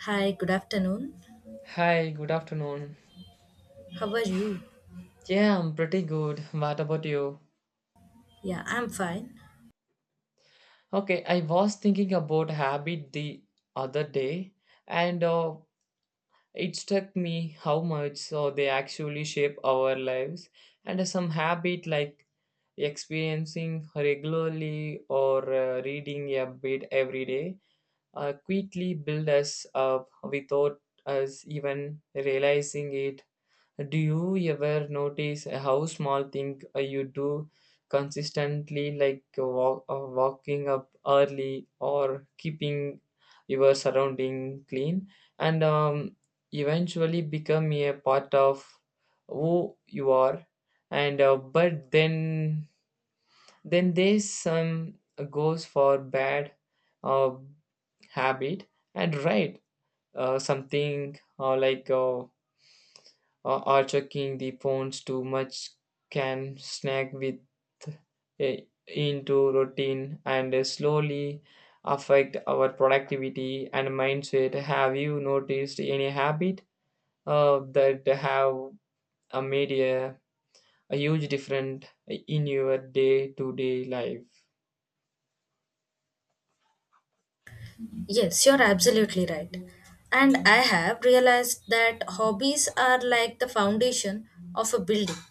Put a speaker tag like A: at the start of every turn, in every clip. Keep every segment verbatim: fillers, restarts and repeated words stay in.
A: Hi, good afternoon.
B: Hi, good afternoon.
A: How are you?
B: Yeah, I'm pretty good. What about you?
A: Yeah, I'm fine.
B: Okay, I was thinking about habit the other day, and uh, it struck me how much uh, they actually shape our lives. And some habit like experiencing regularly or uh, reading a bit every day uh, quickly build us up without us even realizing it. Do you ever notice how small thing uh, you do consistently, like uh, walk, uh, walking up early or keeping your surrounding clean, and um, eventually become a part of who you are? And uh, but then then there's some goes for bad uh, habit and right uh, something uh, like. Uh, uh, or checking the phones too much can snag with a, into routine and slowly affect our productivity and mindset. Have you noticed any habit uh, that have uh, made a, a huge difference in your day-to-day life?
A: Yes, you're absolutely right. And I have realized that hobbies are like the foundation of a building.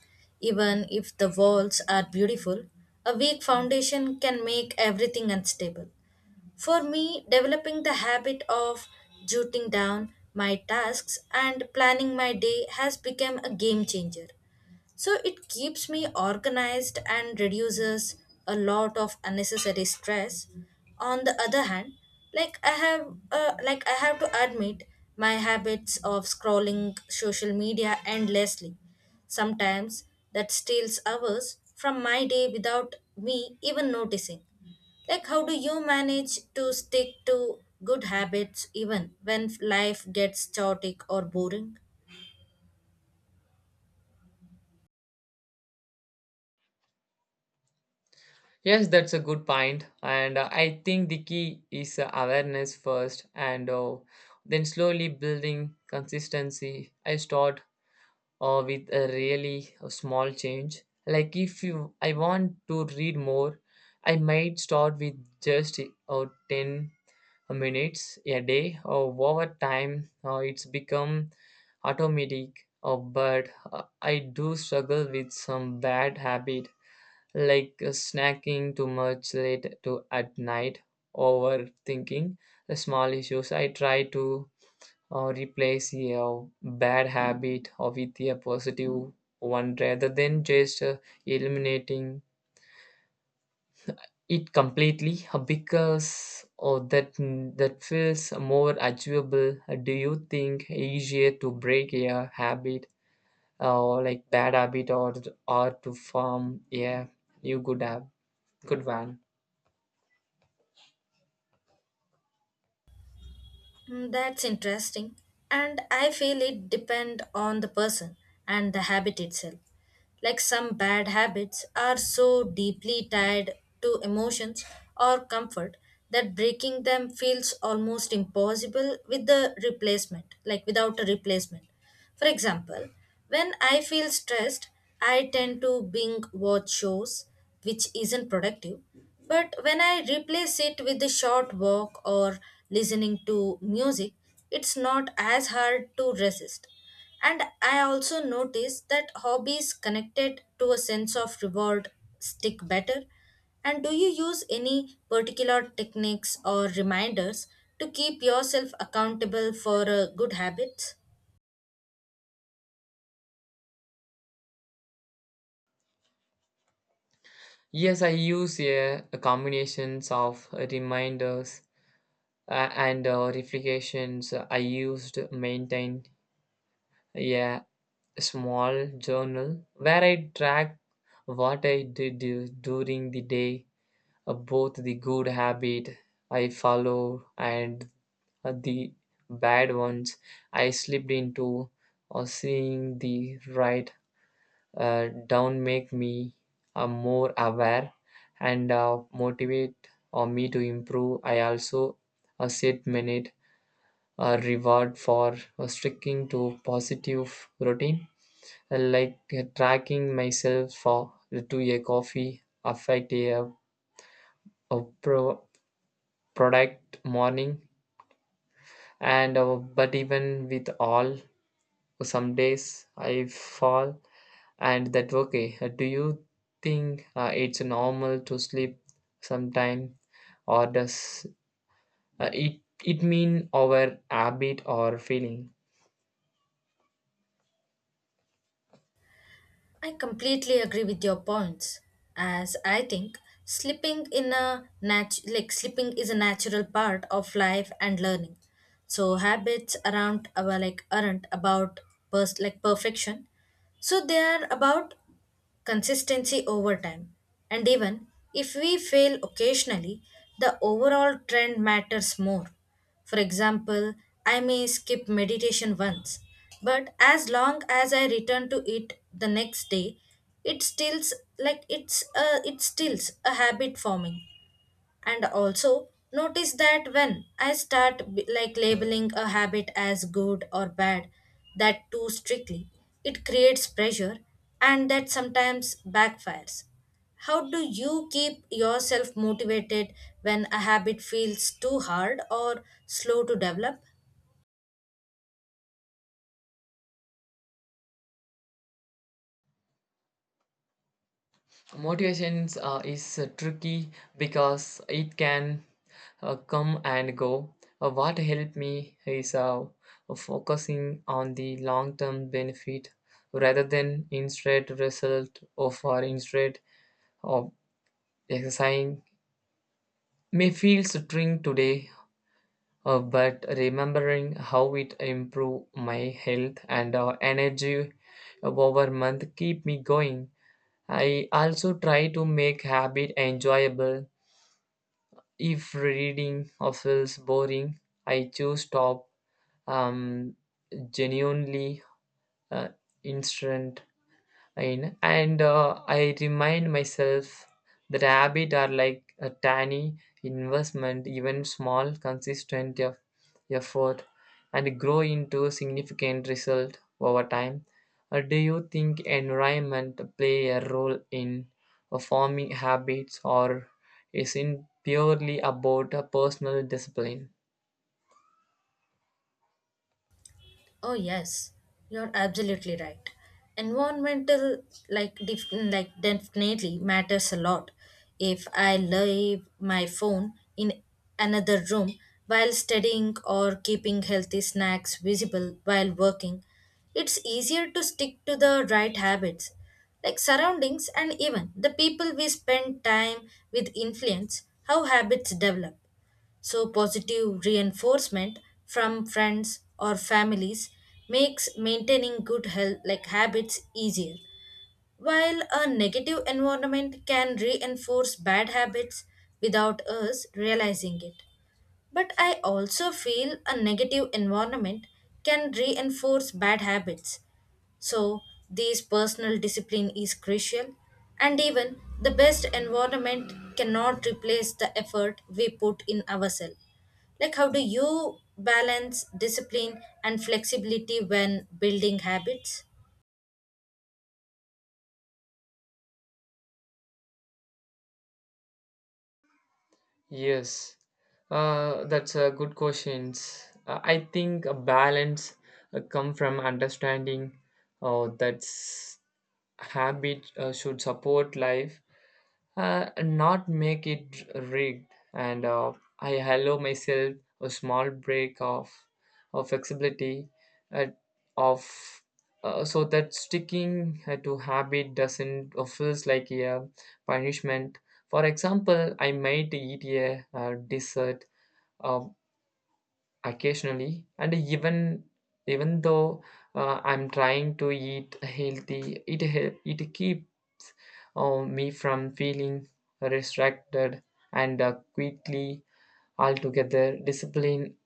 A: Even if the walls are beautiful, a weak foundation can make everything unstable. For me, developing the habit of jotting down my tasks and planning my day has become a game changer. So it keeps me organized and reduces a lot of unnecessary stress. On the other hand, like I have uh, like I have to admit my habits of scrolling social media endlessly. Sometimes that steals hours from my day without me even noticing. Like, how do you manage to stick to good habits even when life gets chaotic or boring?
B: Yes, that's a good point, and uh, I think the key is uh, awareness first, and uh, then slowly building consistency. I start or with a really small change. Like if you, I want to read more, I might start with just or ten minutes a day. Or over time, uh, it's become automatic. Uh, but uh, I do struggle with some bad habit like uh, snacking too much late to at night, overthinking the small issues. I try to or replace a bad habit with a positive one rather than just uh, eliminating it completely uh, because or that that feels more achievable. Uh, do you think easier to break a habit or like bad habit or or to form a new good hab- good one?
A: Mm, that's interesting. And I feel it depend on the person and the habit itself. Like, some bad habits are so deeply tied to emotions or comfort that breaking them feels almost impossible with the replacement, like without a replacement. For example, when I feel stressed, I tend to binge watch shows, which isn't productive. But when I replace it with a short walk or listening to music, it's not as hard to resist. And I also notice that hobbies connected to a sense of reward stick better. And do you use any particular techniques or reminders to keep yourself accountable for uh, good habits?
B: Yes, i use a, a combinations of reminders uh, and uh, reflections. I used maintain, yeah, a small journal where I track what I did du- during the day, uh, both the good habit I follow and uh, the bad ones I slipped into, or seeing the right uh, down make me uh, more aware and uh, motivate or me to improve. I also uh, set minute a reward for uh, sticking to positive routine. I like uh, tracking myself for to a coffee affect a, a pro, product morning and uh, but even with all some days I fall and that okay. Uh, Do you think uh, it's normal to sleep sometime or does uh, it it mean our habit or feeling?
A: I completely agree with your points, as I think sleeping in a nat- like sleeping is a natural part of life and learning. So habits around our like aren't about pers- like perfection. So they are about consistency over time. And even if we fail occasionally, the overall trend matters more. For example, I may skip meditation once, but as long as I return to it the next day, it stills like it's a, it stills a habit forming. And also notice that when I start b- like labeling a habit as good or bad that too strictly, it creates pressure, and that sometimes backfires. How do you keep yourself motivated when a habit feels too hard or slow to develop?
B: Motivations uh, is uh, tricky because it can uh, come and go. Uh, what helped me is uh, focusing on the long-term benefit rather than instant result of or for instead of exercising may feel strange today, uh, but remembering how it improved my health and uh, energy over month keep me going. I also try to make habit enjoyable. If reading uh, feels boring, I choose top um, genuinely uh, instant in and uh, i remind myself that habits are like a tiny investment, even small consistent eff- effort and grow into significant result over time. Uh, do you think environment play a role in uh, forming habits, or is it purely about a personal discipline?
A: Oh yes, you're absolutely right. Environmental like def- like definitely matters a lot. If I leave my phone in another room while studying or keeping healthy snacks visible while working, it's easier to stick to the right habits. Like, surroundings and even the people we spend time with influence how habits develop. So, positive reinforcement from friends or families makes maintaining good health like habits easier, while a negative environment can reinforce bad habits without us realizing it. But I also feel a negative environment can reinforce bad habits, so this personal discipline is crucial, and even the best environment cannot replace the effort we put in ourselves. Like, how do you balance discipline and flexibility when building habits?
B: Yes, uh, that's a good question. Uh, I think a balance uh, come from understanding uh, that s- habit uh, should support life, uh, not make it rigged, and uh, i allow myself a small break of, of flexibility, uh, of uh, so that sticking uh, to habit doesn't uh, feels like a punishment. For example, i might eat a, uh dessert uh, occasionally, and even even though uh, i'm trying to eat healthy it hel- it keeps uh, me from feeling restricted and uh, quickly altogether discipline.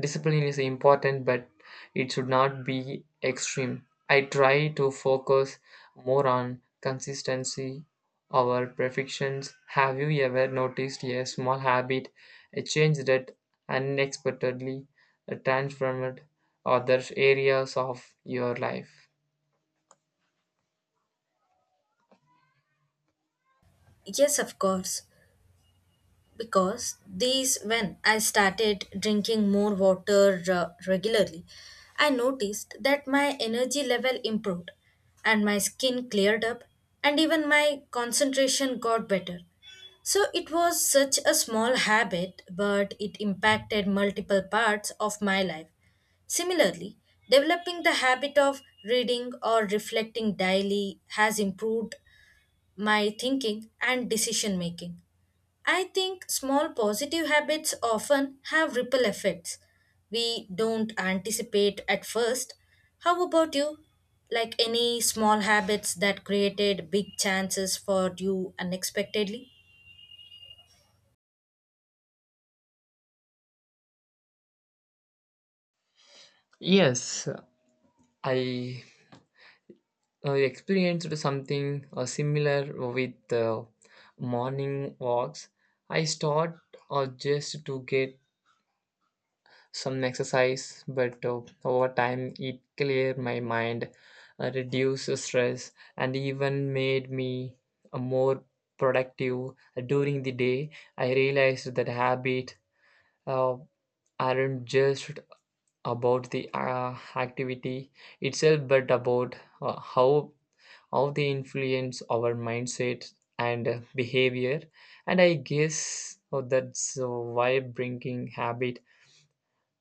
B: Discipline is important but it should not be extreme. I try to focus more on consistency over perfections. Have you ever noticed a small habit, a change that unexpectedly transformed other areas of your life?
A: Yes, of course. Because these when I started drinking more water uh, regularly, I noticed that my energy level improved and my skin cleared up and even my concentration got better. So it was such a small habit, but it impacted multiple parts of my life. Similarly, developing the habit of reading or reflecting daily has improved my thinking and decision making. I think small positive habits often have ripple effects we don't anticipate at first. How about you? Like, any small habits that created big chances for you unexpectedly?
B: Yes, i uh, you experienced something uh, similar with uh, morning walks. I start uh, just to get some exercise, but uh, over time it cleared my mind, uh, reduced the stress, and even made me uh, more productive during the day. I realized that habit uh, aren't just about the uh, activity itself, but about uh, how how they influence our mindset and uh, behavior. And i guess oh, that's uh, why bringing habit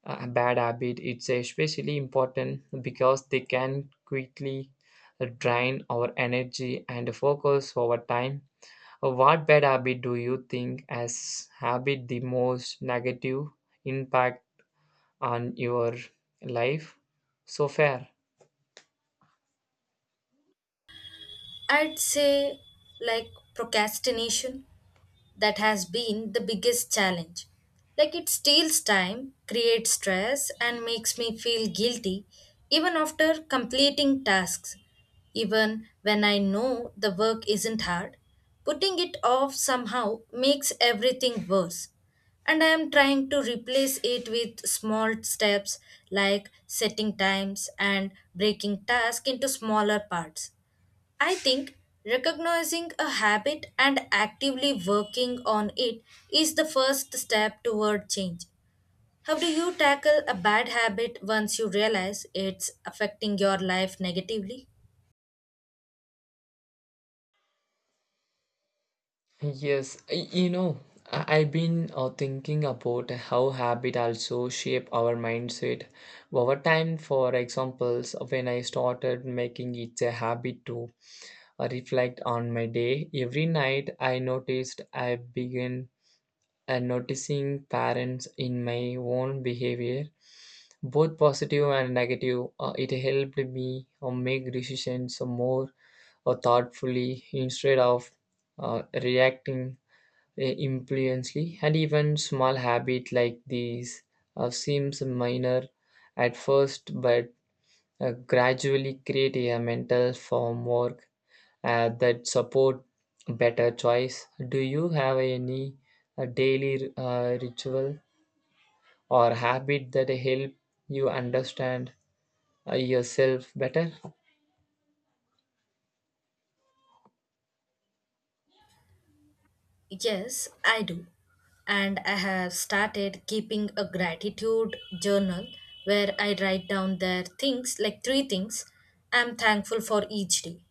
B: uh, a bad habit it's especially important because they can quickly uh, drain our energy and focus over time. Uh, what bad habit do you think has habit the most negative impact on your life so far?
A: I'd say like procrastination, that has been the biggest challenge. Like, it steals time, creates stress, and makes me feel guilty even after completing tasks. Even when I know the work isn't hard, putting it off somehow makes everything worse. And I am trying to replace it with small steps like setting times and breaking tasks into smaller parts. I think recognizing a habit and actively working on it is the first step toward change. How do you tackle a bad habit once you realize it's affecting your life negatively?
B: Yes, y- you know, I- I've been uh, thinking about how habit also shape our mindset over time. For examples, when I started making it a habit to uh, reflect on my day every night, I noticed I began uh, noticing patterns in my own behavior, both positive and negative. Uh, it helped me uh, make decisions more uh, thoughtfully instead of uh, reacting eh, influentially. And even small habit like these uh, seems minor at first but uh, gradually create a mental framework uh, that support better choice. Do you have any uh, daily uh, ritual or habit that help you understand uh, yourself better?
A: Yes, I do. And I have started keeping a gratitude journal where I write down their things, like three things I'm thankful for each day.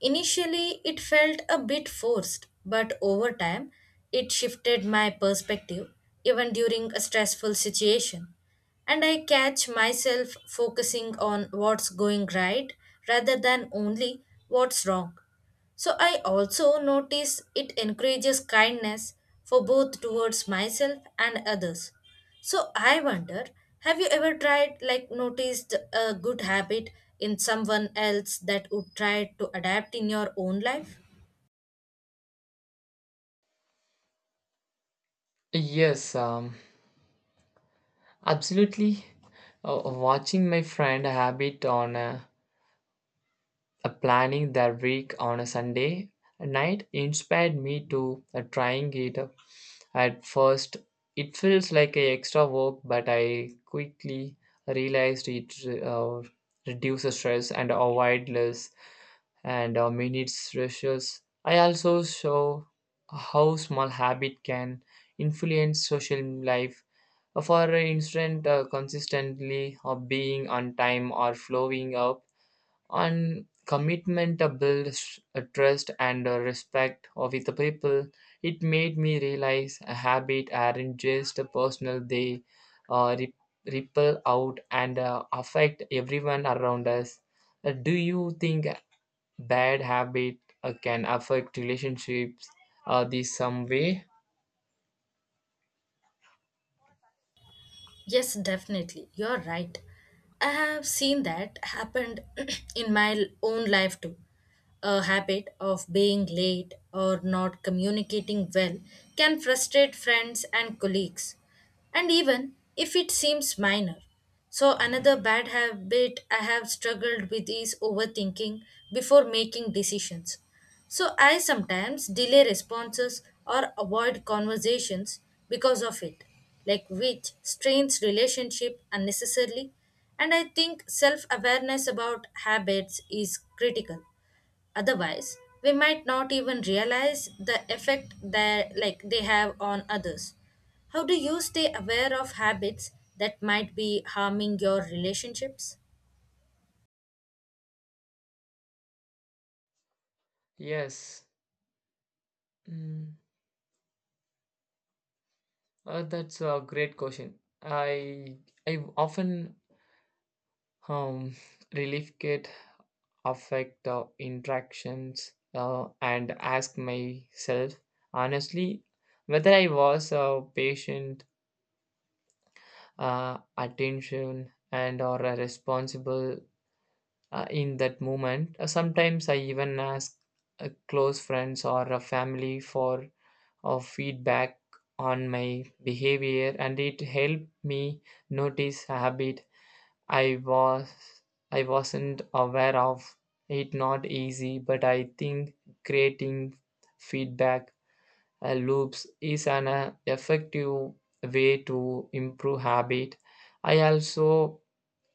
A: Initially, it felt a bit forced, but over time, it shifted my perspective even during a stressful situation. And I catch myself focusing on what's going right rather than only what's wrong. So I also notice it encourages kindness for both towards myself and others. So I wonder, have you ever tried like noticed a good habit in someone else that would try to adapt in your own life?
B: Yes, um, absolutely. Uh, watching my friend habit on a, Uh, planning that week on a Sunday night inspired me to uh, trying it. At first, it feels like a extra work, but I quickly realized it uh, reduces stress and avoid less and uh, minutes rushes. I also show how small habit can influence social life. For instance, uh, consistently uh, being on time or flowing up and commitment uh, builds a trust and a respect of the people. It made me realize a habit aren't just personal, they uh, rip- ripple out and uh, affect everyone around us. Uh, do you think bad habit uh, can affect relationships uh, this some way?
A: Yes, definitely. You're right. I have seen that happened in my l- own life too. A habit of being late or not communicating well can frustrate friends and colleagues. And even if it seems minor, so, another bad habit I have struggled with is overthinking before making decisions. So, I sometimes delay responses or avoid conversations because of it, like which strains relationship unnecessarily. And I think self awareness about habits is critical. Otherwise, we might not even realize the effect that like they have on others. How do you stay aware of habits that might be harming your relationships?
B: Yes. Mm, uh, that's a great question. I i often um relief kit affect uh, interactions uh, and ask myself honestly whether I was uh, patient, uh, attention, and or uh, responsible uh, in that moment. Uh, sometimes I even ask uh, close friends or a family for uh, feedback on my behavior, and it helped me notice habit I was I wasn't aware of. It not easy, but I think creating feedback uh, loops is an uh, effective way to improve habit. I also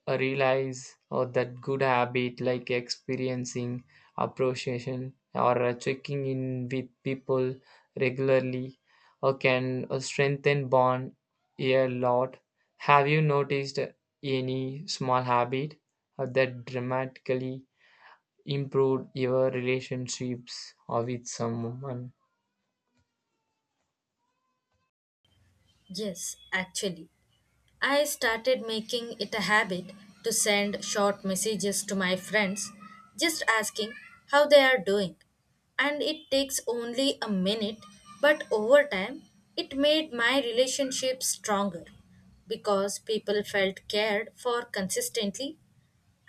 B: uh, realize or that good habit like experiencing appreciation or uh, checking in with people regularly or can uh, strengthen bond a lot. Have you noticed any small habit uh, that dramatically improved your relationships or with someone?
A: Yes, actually. I started making it a habit to send short messages to my friends, just asking how they are doing. And it takes only a minute, but over time, it made my relationship stronger because people felt cared for consistently.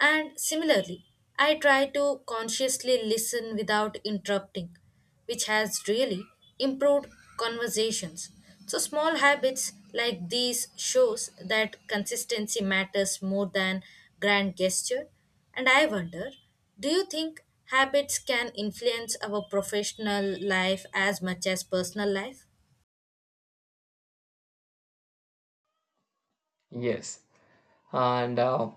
A: And similarly, I try to consciously listen without interrupting, which has really improved conversations. So small habits like these shows that consistency matters more than grand gesture. And I wonder, do you think habits can influence our professional life as much as personal life?
B: Yes, and uh,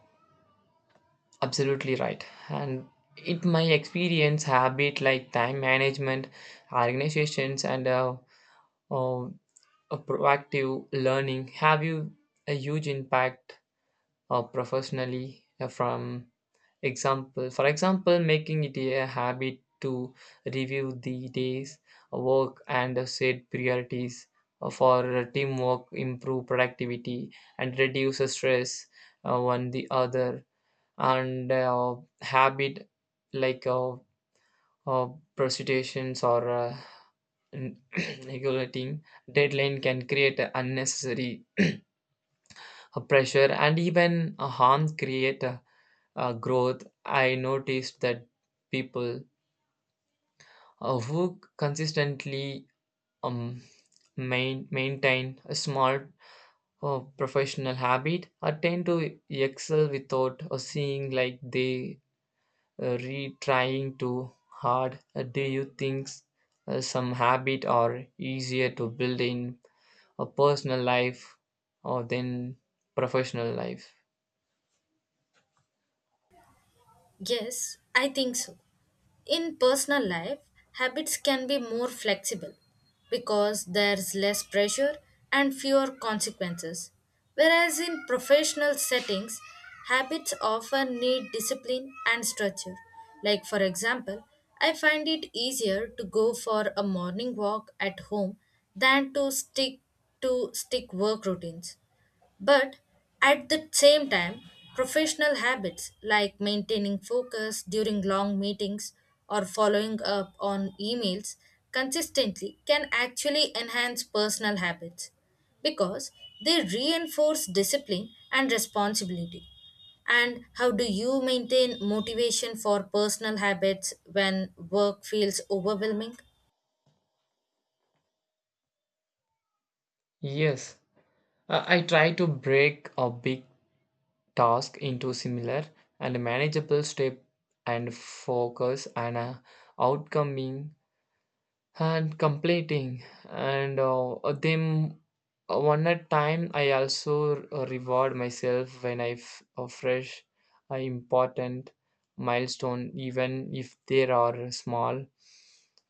B: absolutely right. And it my experience habit like time management, organizations, and uh, uh, a proactive learning have you a huge impact uh, professionally uh, from example. For example, making it a habit to review the day's uh, work and uh, set priorities uh, for uh, teamwork, improve productivity, and reduce stress uh, one the other. And uh, habit like uh, uh, precipitations or uh, regulating deadline can create a unnecessary uh, pressure and even a harm create a, a growth. I noticed that people uh, who consistently um, main, maintain a small uh, professional habit uh, tend to excel without uh, seeing like they uh, retrying too hard? Uh, do you think uh, some habit are easier to build in a personal life or than professional life?
A: Yes, I think so. In personal life, habits can be more flexible because there's less pressure and fewer consequences. Whereas in professional settings, habits often need discipline and structure. Like, for example, I find it easier to go for a morning walk at home than to stick to stick work routines. But at the same time, professional habits like maintaining focus during long meetings or following up on emails consistently can actually enhance personal habits because they reinforce discipline and responsibility. And how do you maintain motivation for personal habits when work feels overwhelming?
B: Yes, uh, I try to break a big task into similar and manageable step and focus on a outcoming and completing and uh, them uh, one at time. I also uh, reward myself when i f- uh, fresh uh, important milestone even if they are small.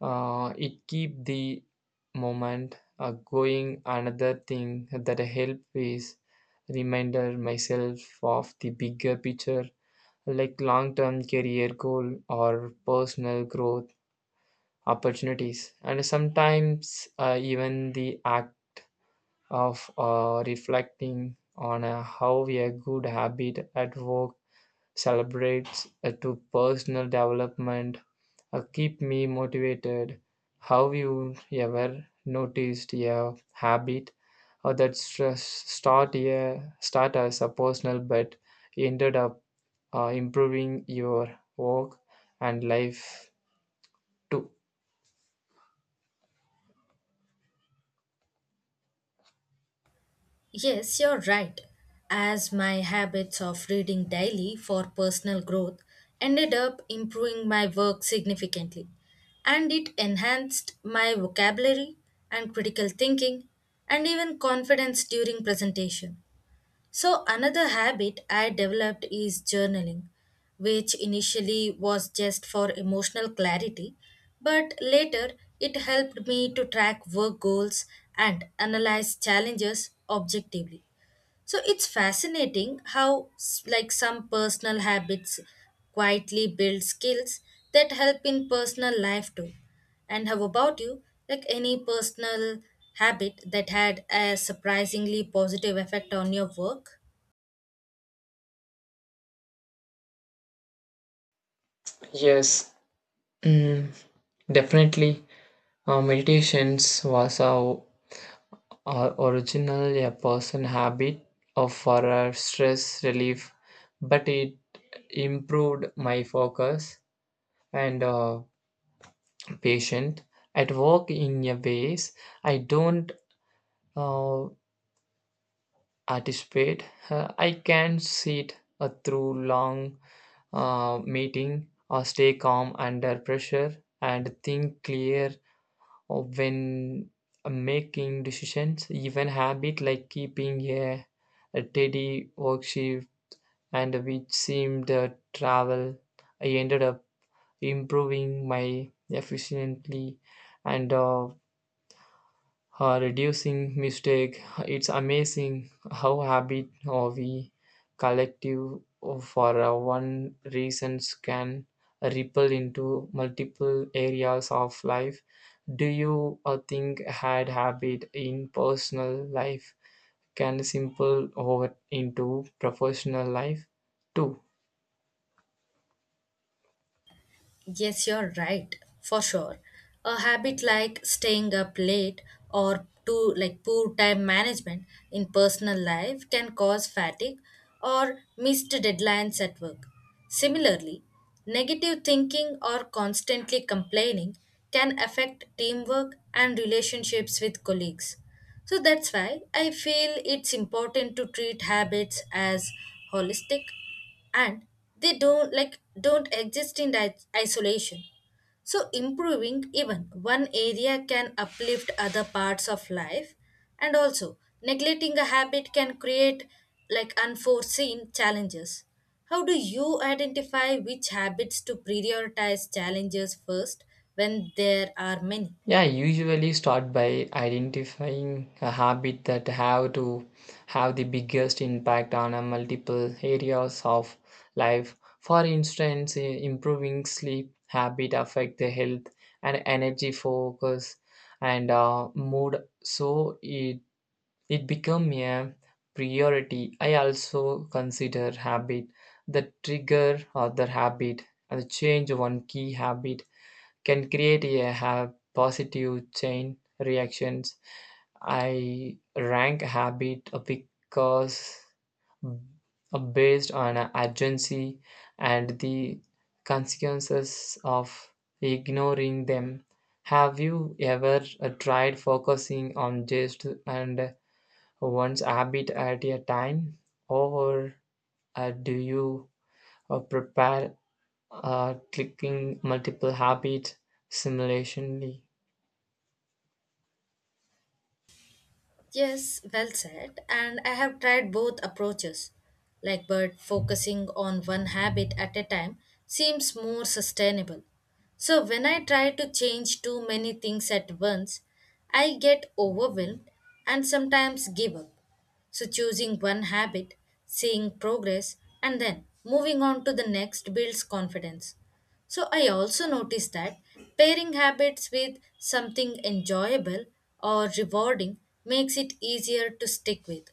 B: uh, It keep the moment uh, going. Another thing that help is reminder myself of the bigger picture, like long term career goal or personal growth opportunities, and sometimes uh, even the act of uh, reflecting on uh, how a good habit at work celebrates uh, to personal development uh, keep me motivated. Have you ever noticed a habit or that stress start a start as a personal but ended up uh, improving your work and life too?
A: Yes, you're right. As my habits of reading daily for personal growth ended up improving my work significantly, and it enhanced my vocabulary and critical thinking and even confidence during presentation. So, another habit I developed is journaling, which initially was just for emotional clarity, but later it helped me to track work goals and analyze challenges objectively. So, it's fascinating how, s- like, some personal habits quietly build skills that help in personal life too. And how about you? Like, any personal habit that had a surprisingly positive effect on your work?
B: Yes. Mm, definitely, uh, meditations was a, a original a person habit of for a stress relief, but it improved my focus and uh, patient at work in a ways I don't uh, anticipate. Uh, I can sit uh, through long uh, meeting or stay calm under pressure and think clear. Or when uh, making decisions, even habit like keeping a, a teddy worksheet and which seemed uh, travel i ended up improving my efficiently and uh, uh, reducing mistake. It's amazing how habit or we collective for uh, one reasons can ripple into multiple areas of life. Do you uh, think had habit in personal life can simple over into professional life too?
A: Yes, you're right, for sure. A habit like staying up late or to like poor time management in personal life can cause fatigue or missed deadlines at work. Similarly, negative thinking or constantly complaining can affect teamwork and relationships with colleagues. So that's why I feel it's important to treat habits as holistic, and they don't like don't exist in di- isolation. So improving even one area can uplift other parts of life, and also neglecting a habit can create like unforeseen challenges. How do you identify which habits to prioritize challenges first when there are many?
B: Yeah, I usually start by identifying a habit that have to have the biggest impact on a multiple areas of life. For instance, i- improving sleep habit affect the health and energy focus and uh, mood, so it it become a priority. I also consider habit the trigger other habit and change one key habit can create a have positive chain reactions. I rank habit because uh, based on uh, urgency and the consequences of ignoring them. Have you ever uh, tried focusing on just and one's habit at a time, or uh, do you uh, prepare uh, clicking multiple habits simulationally?
A: Yes, well said. And I have tried both approaches. Like, but focusing on one habit at a time seems more sustainable. So, when I try to change too many things at once, I get overwhelmed and sometimes give up. So, choosing one habit, seeing progress, and then moving on to the next builds confidence. So, I also noticed that pairing habits with something enjoyable or rewarding makes it easier to stick with.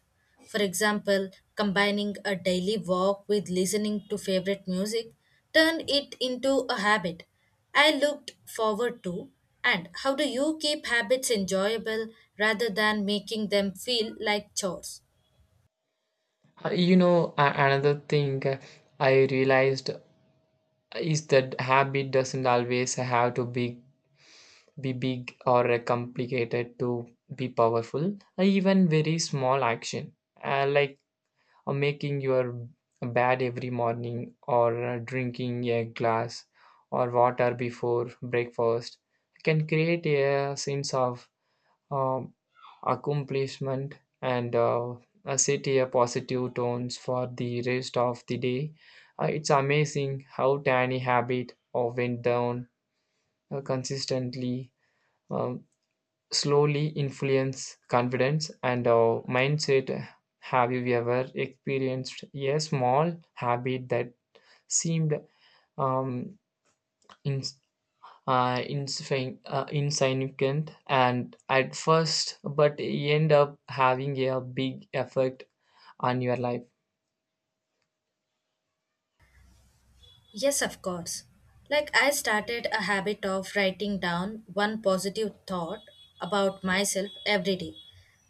A: For example, combining a daily walk with listening to favorite music turned it into a habit I looked forward to. And how do you keep habits enjoyable rather than making them feel like chores?
B: Uh, You know, a- another thing uh, I realized is that habit doesn't always have to be be big or uh, complicated to be powerful. Uh, Even very small action, uh, like uh, making your bed every morning or uh, drinking a glass or water before breakfast, can create a sense of uh, accomplishment and uh, uh, set a positive tones for the rest of the day. Uh, it's amazing how tiny habit or went down uh, consistently um, slowly influence confidence and uh, mindset. Have you ever experienced a small habit that seemed um, in, uh, insfin- uh, insignificant and at first, but end up having a big effect on your life?
A: Yes, of course. Like, I started a habit of writing down one positive thought about myself every day.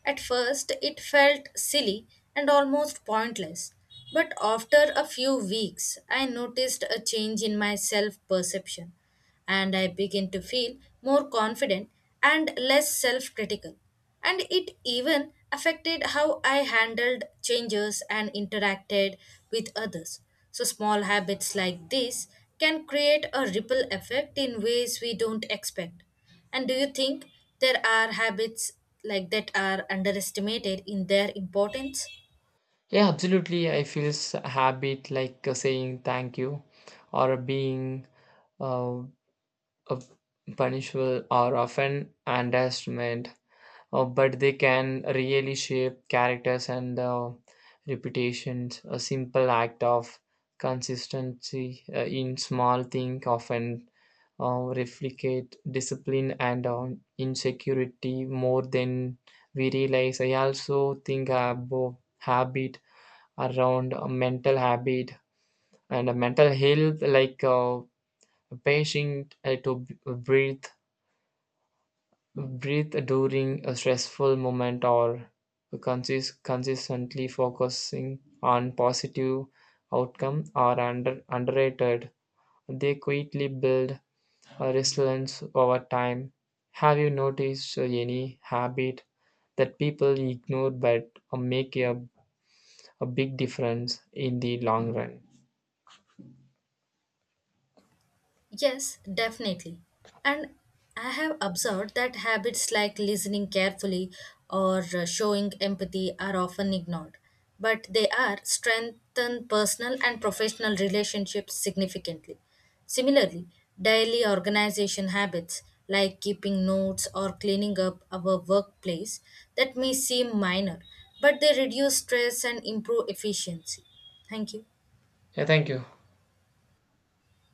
A: At first, it felt silly and almost pointless. But after a few weeks, I noticed a change in my self perception and I begin to feel more confident and less self critical. And it even affected how I handled changes and interacted with others. So, small habits like this can create a ripple effect in ways we don't expect. And do you think there are habits like that are underestimated in their importance?
B: Yeah, absolutely. I feel s- habit like uh, saying thank you or being uh, a punishable are often underestimated, uh, but they can really shape characters and uh, reputations. A simple act of consistency uh, in small thing often uh, replicate discipline and uh, insecurity more than we realize. I also think about habit around a mental habit and a mental health like uh, a patient uh, to b- breathe breathe during a stressful moment or consist- consistently focusing on positive outcome are under- underrated. They quickly build a resilience over time. Have you noticed uh, any habit that people ignore but uh, make a, a big difference in the long run?
A: Yes, definitely. And I have observed that habits like listening carefully or uh, showing empathy are often ignored, but they are strengthen personal and professional relationships significantly. Similarly, daily organization habits like keeping notes or cleaning up our workplace that may seem minor, but they reduce stress and improve efficiency. Thank you.
B: Yeah, thank you.